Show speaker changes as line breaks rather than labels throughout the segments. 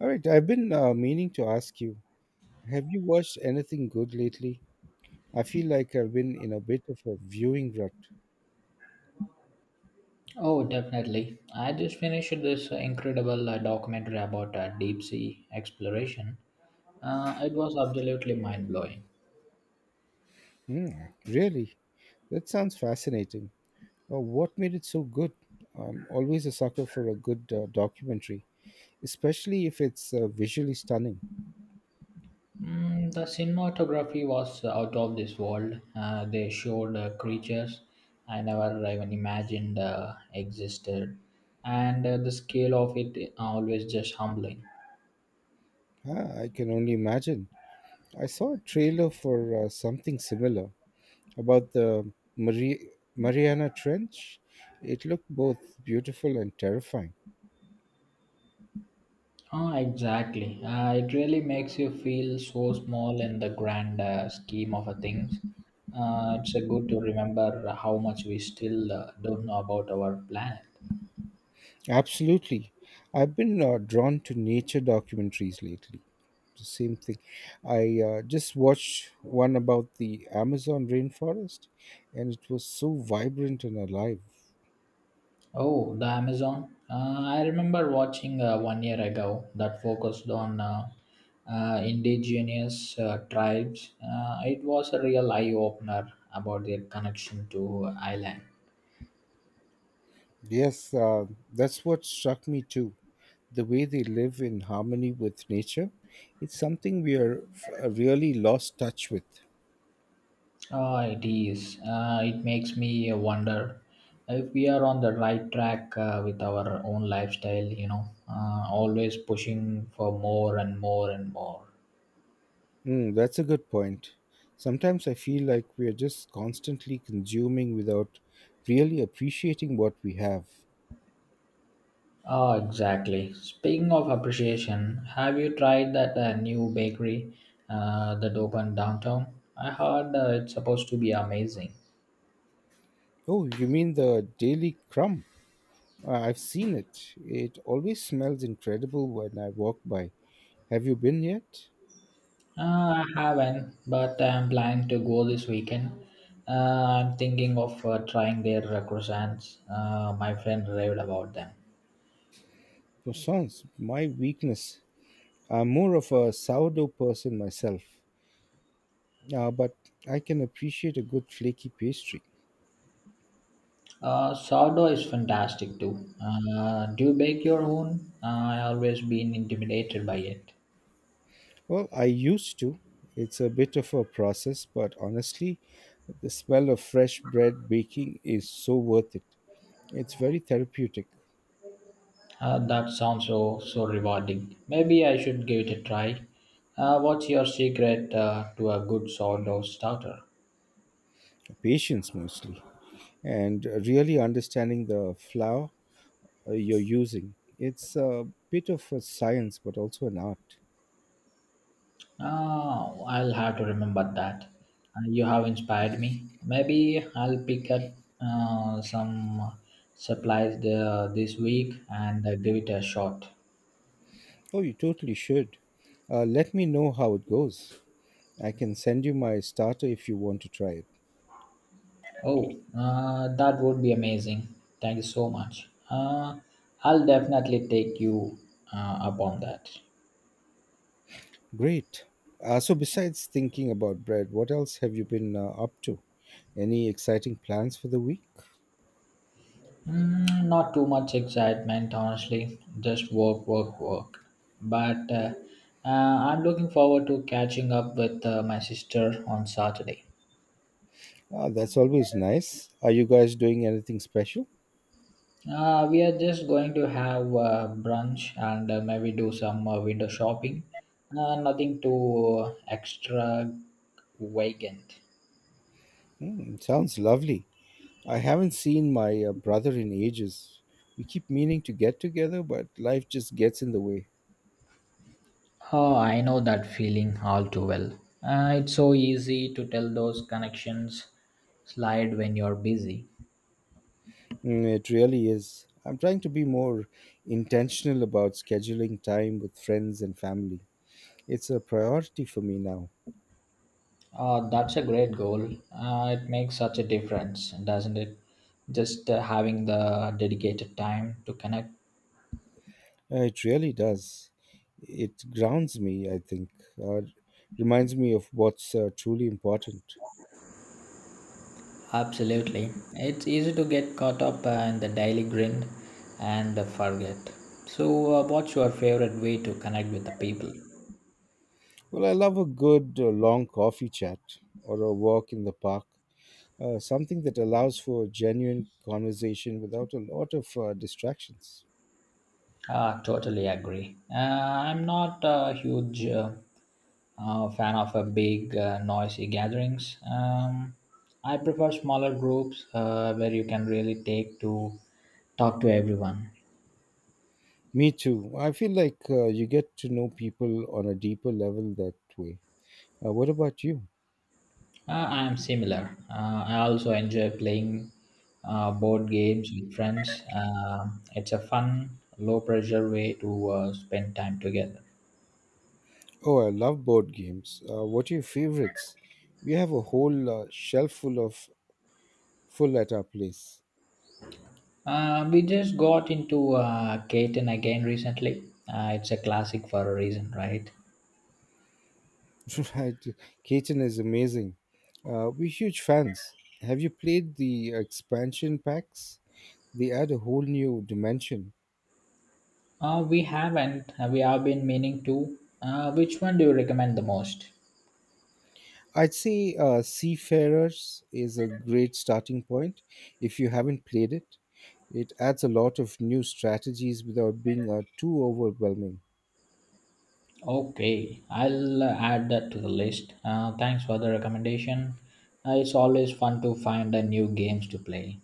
All right, I've been meaning to ask you, have you watched anything good lately? I feel like I've been in a bit of a viewing rut.
Oh, definitely. I just finished this incredible documentary about deep sea exploration. It was absolutely mind blowing.
Hmm, really? That sounds fascinating. What made it so good? I'm always a sucker for a good documentary, especially if it's visually stunning.
Mm, the cinematography was out of this world. They showed creatures I never even imagined existed, and the scale of it always just humbling.
Ah, I can only imagine. I saw a trailer for something similar about the Mariana Trench. It looked both beautiful and terrifying.
Ah, exactly. It really makes you feel so small in the grand scheme of things. It's good to remember how much we still don't know about our planet.
Absolutely. I've been drawn to nature documentaries lately. The same thing. I just watched one about the Amazon rainforest, and it was so vibrant and alive.
Oh, the Amazon. I remember watching one year ago that focused on indigenous tribes. It was a real eye opener about their connection to island.
Yes, that's what struck me too. The way they live in harmony with nature, it's something we are really lost touch with.
Ah, it is. It makes me wonder if we are on the right track with our own lifestyle, you know, always pushing for more and more and more.
Mm, that's a good point. Sometimes I feel like we are just constantly consuming without really appreciating what we have.
Ah, exactly. Speaking of appreciation, have you tried that new bakery that opened downtown? I heard it's supposed to be amazing.
Oh, you mean the Daily Crumb? I've seen it. It always smells incredible when I walk by. Have you been yet?
Uh, I haven't, but I'm planning to go this weekend. Uh, I'm thinking of trying their croissants. My friend raved about them.
Croissants, my weakness. I'm more of a sourdough person myself, but I can appreciate a good flaky pastry.
Sourdough is fantastic too. Do you bake your own? I always been intimidated by it.
Well, I used to. It's a bit of a process, but honestly, the smell of fresh bread baking is so worth it. It's very therapeutic,
That sounds so rewarding. Maybe I should give it a try. What's your secret to a good sourdough starter?
patience mostly, and really understanding the flour you're using. It's a bit of a science, but also an art.
Oh, I'll have to remember that. You have inspired me. Maybe I'll pick up some supplies there this week and give it a shot.
Oh, you totally should. Let me know how it goes. I can send you my starter if you want to try it.
Oh, that would be amazing. Thank you so much. I'll definitely take you uh, up on that.
Great. So, besides thinking about bread, what else have you been up to? Any exciting plans for the week?
Mm, not too much excitement, honestly. Just work, work, work. But uh, I'm looking forward to catching up with my sister on Saturday.
Ah, that's always nice. Are you guys doing anything special?
We are just going to have brunch and maybe do some window shopping. Nothing too extra vacant.
Hmm, sounds lovely. I haven't seen my brother in ages. We keep meaning to get together, but life just gets in the way.
Oh, I know that feeling all too well. It's so easy to tell those connections slide when you're busy.
Mm, it really is. I'm trying to be more intentional about scheduling time with friends and family. It's a priority for me now.
That's a great goal. It makes such a difference, doesn't it? Just having the dedicated time to connect.
It really does. It grounds me, I think, uh, reminds me of what's truly important.
Absolutely. It's easy to get caught up in the daily grind and forget. So, what's your favorite way to connect with the people?
Well, I love a good long coffee chat or a walk in the park, something that allows for genuine conversation without a lot of distractions.
Ah, totally agree. I'm not a huge fan of a big, noisy gatherings. I prefer smaller groups where you can really take to talk to everyone.
Me too. I feel like you get to know people on a deeper level that way. What about you?
I am similar. I also enjoy playing board games with friends. It's a fun, low pressure way to spend time together.
Oh, I love board games. What are your favorites? We have a whole shelf full at our place.
We just got into Catan again recently. It's a classic for a reason, right?
Right, Caton is amazing. We're huge fans. Have you played the expansion packs? They add a whole new dimension.
We haven't. We have been meaning to. Which one do you recommend the most?
I'd say Seafarers is a great starting point if you haven't played it. It adds a lot of new strategies without being too overwhelming.
Okay, I'll add that to the list. Thanks for the recommendation. It's always fun to find new games to play.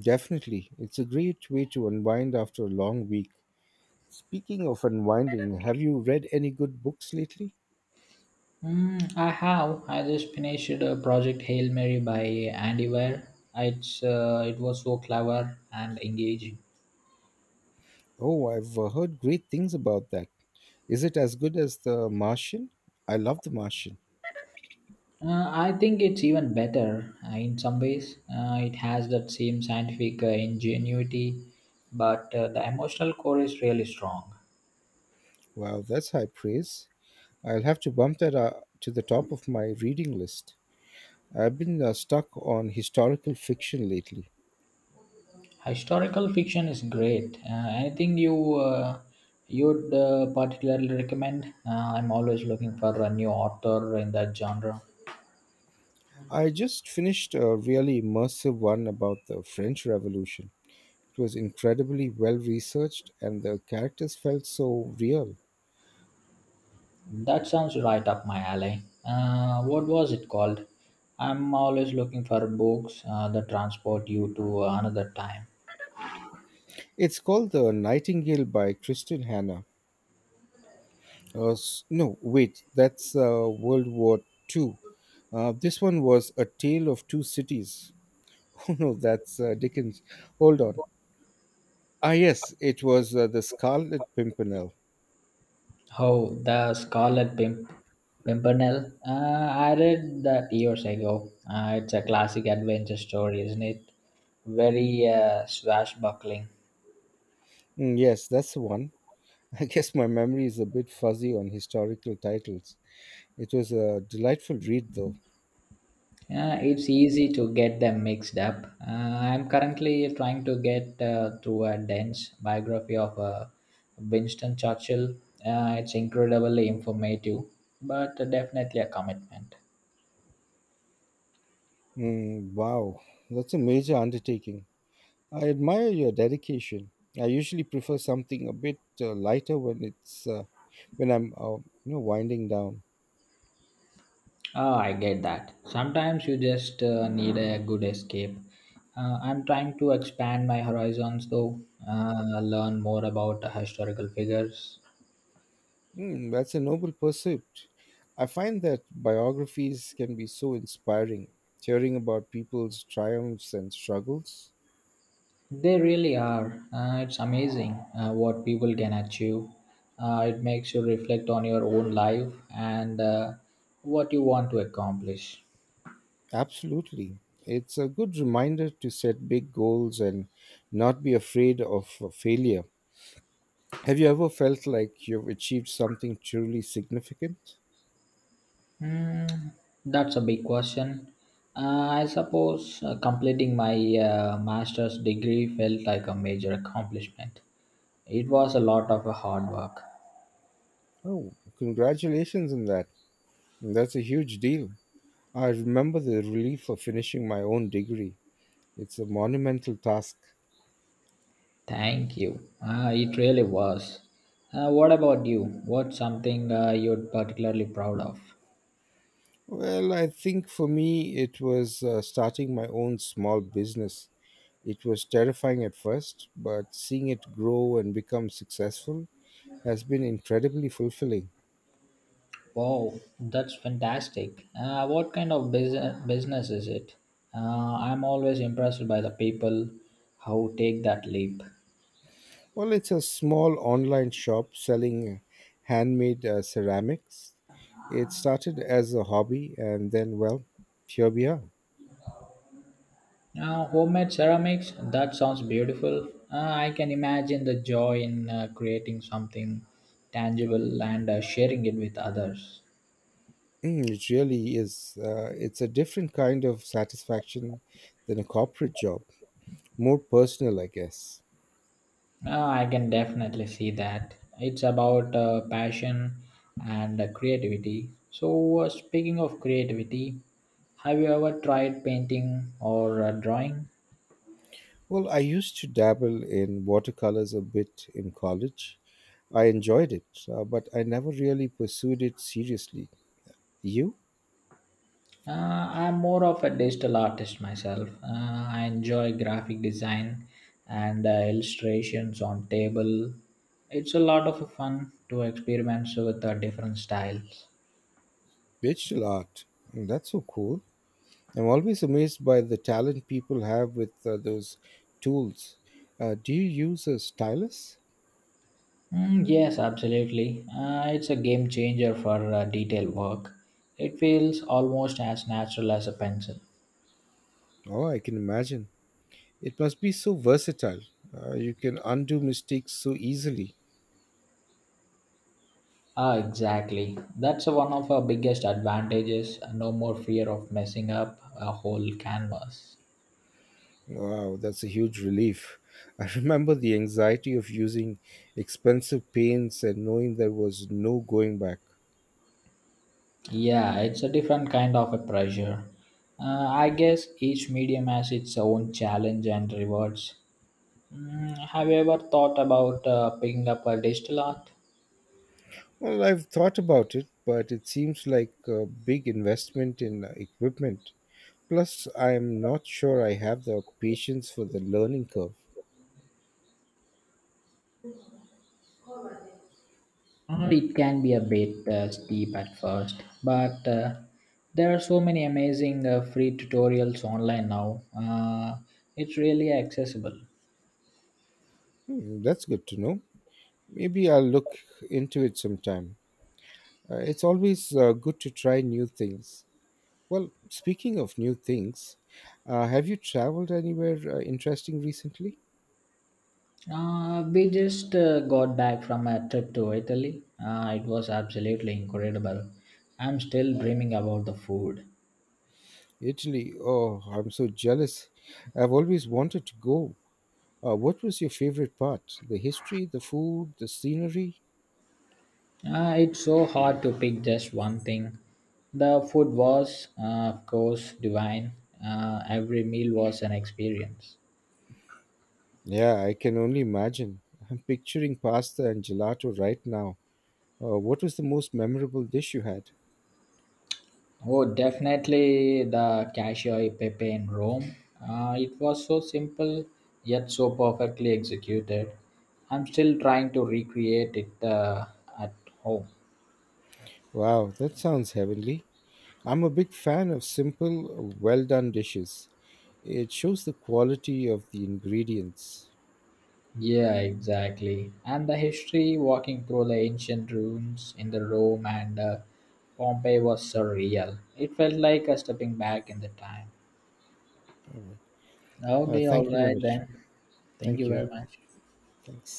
Definitely, it's a great way to unwind after a long week. Speaking of unwinding, have you read any good books lately?
Mm, I have. I just finished a project Hail Mary by Andy Weir. It was so clever and engaging.
Oh, I've heard great things about that. Is it as good as The Martian? I love The Martian.
I think it's even better in some ways. It has that same scientific ingenuity, but the emotional core is really strong.
Wow, that's high praise. I'll have to bump that to the top of my reading list. I've been stuck on historical fiction lately.
Historical fiction is great. Anything you you'd particularly recommend? I'm always looking for a new author in that genre.
I just finished a really immersive one about the French Revolution. It was incredibly well researched and the characters felt so real.
That sounds right up my alley. What was it called? I'm always looking for books that transport you to another time.
It's called The Nightingale by Kristen Hannah. No, wait, that's World War Two. This one was A Tale of Two Cities. Oh no, that's Dickens. Hold on. Ah, yes, it was The Scarlet Pimpernel.
Oh, The Scarlet Pimpernel. I read that years ago. It's a classic adventure story, isn't it? Very swashbuckling.
Mm, yes, that's the one. I guess my memory is a bit fuzzy on historical titles. It was a delightful read, though.
Yeah, it's easy to get them mixed up. Uh, I'm currently trying to get through a dense biography of Winston Churchill. It's incredibly informative, but definitely a commitment.
Mm, wow, that's a major undertaking. I admire your dedication. I usually prefer something a bit lighter when it's when I'm you know winding down.
Oh, I get that. Sometimes you just need a good escape. I'm trying to expand my horizons though, learn more about historical figures.
Mm, that's a noble pursuit. I find that biographies can be so inspiring. Hearing about people's triumphs and struggles.
They really are. It's amazing what people can achieve. It makes you reflect on your own life and what you want to accomplish.
Absolutely. It's a good reminder to set big goals and not be afraid of failure. Have you ever felt like you've achieved something truly significant?
Hmm, that's a big question. I suppose completing my master's degree felt like a major accomplishment. It was a lot of hard work.
Oh, congratulations on that. That's a huge deal. I remember the relief of finishing my own degree. It's a monumental task.
Thank you. It really was. What about you? What's something you're particularly proud of?
Well, I think for me it was starting my own small business. It was terrifying at first, but seeing it grow and become successful has been incredibly fulfilling.
Wow, that's fantastic. What kind of business is it? I'm always impressed by the people who take that leap.
Well, it's a small online shop selling handmade ceramics. It started as a hobby, and then, well, here we are.
Homemade ceramics, that sounds beautiful. I can imagine the joy in creating something tangible and sharing it with others.
Mm, it really is. It's a different kind of satisfaction than a corporate job, more personal, I guess.
I can definitely see that. It's about passion and creativity. So, speaking of creativity, have you ever tried painting or drawing?
Well, I used to dabble in watercolors a bit in college. I enjoyed it, but I never really pursued it seriously. You?
Uh, I'm more of a digital artist myself. I enjoy graphic design and illustrations on table. It's a lot of fun to experiment with different styles.
Digital art. Mm, that's so cool. I'm always amazed by the talent people have with those tools. Do you use a stylus?
Mm, yes, absolutely. It's a game changer for detail work. It feels almost as natural as a pencil.
Oh, I can imagine. It must be so versatile. You can undo mistakes so easily.
Ah, exactly. That's one of our biggest advantages. No more fear of messing up a whole canvas.
Wow, that's a huge relief. I remember the anxiety of using expensive paints and knowing there was no going back.
Yeah, it's a different kind of a pressure. I guess each medium has its own challenge and rewards. Mm, have you ever thought about picking up a digital art?
Well, I've thought about it, but it seems like a big investment in equipment. Plus, I'm not sure I have the patience for the learning curve.
It can be a bit steep at first, but there are so many amazing free tutorials online now. It's really accessible.
Hmm, that's good to know. Maybe I'll look into it sometime. It's always good to try new things. Well, speaking of new things, have you traveled anywhere interesting recently?
We just got back from a trip to Italy. It was absolutely incredible. I'm still dreaming about the food.
Italy. Oh, I'm so jealous. I've always wanted to go. What was your favorite part? The history, the food, the scenery?
It's so hard to pick just one thing. The food was, of course, divine. Every meal was an experience.
Yeah, I can only imagine. I'm picturing pasta and gelato right now. What was the most memorable dish you had?
Oh, definitely the Cacio e Pepe in Rome. It was so simple yet so perfectly executed. I'm still trying to recreate it at home.
Wow, that sounds heavenly. I'm a big fan of simple, well done dishes. It shows the quality of the ingredients.
Yeah, exactly. And the history walking through the ancient ruins in the Rome and Pompeii was surreal. It felt like a stepping back in the time. Okay, all
Thank you,
right
Manish.
then. Thank
Thank
you
you.
very much.
Thanks.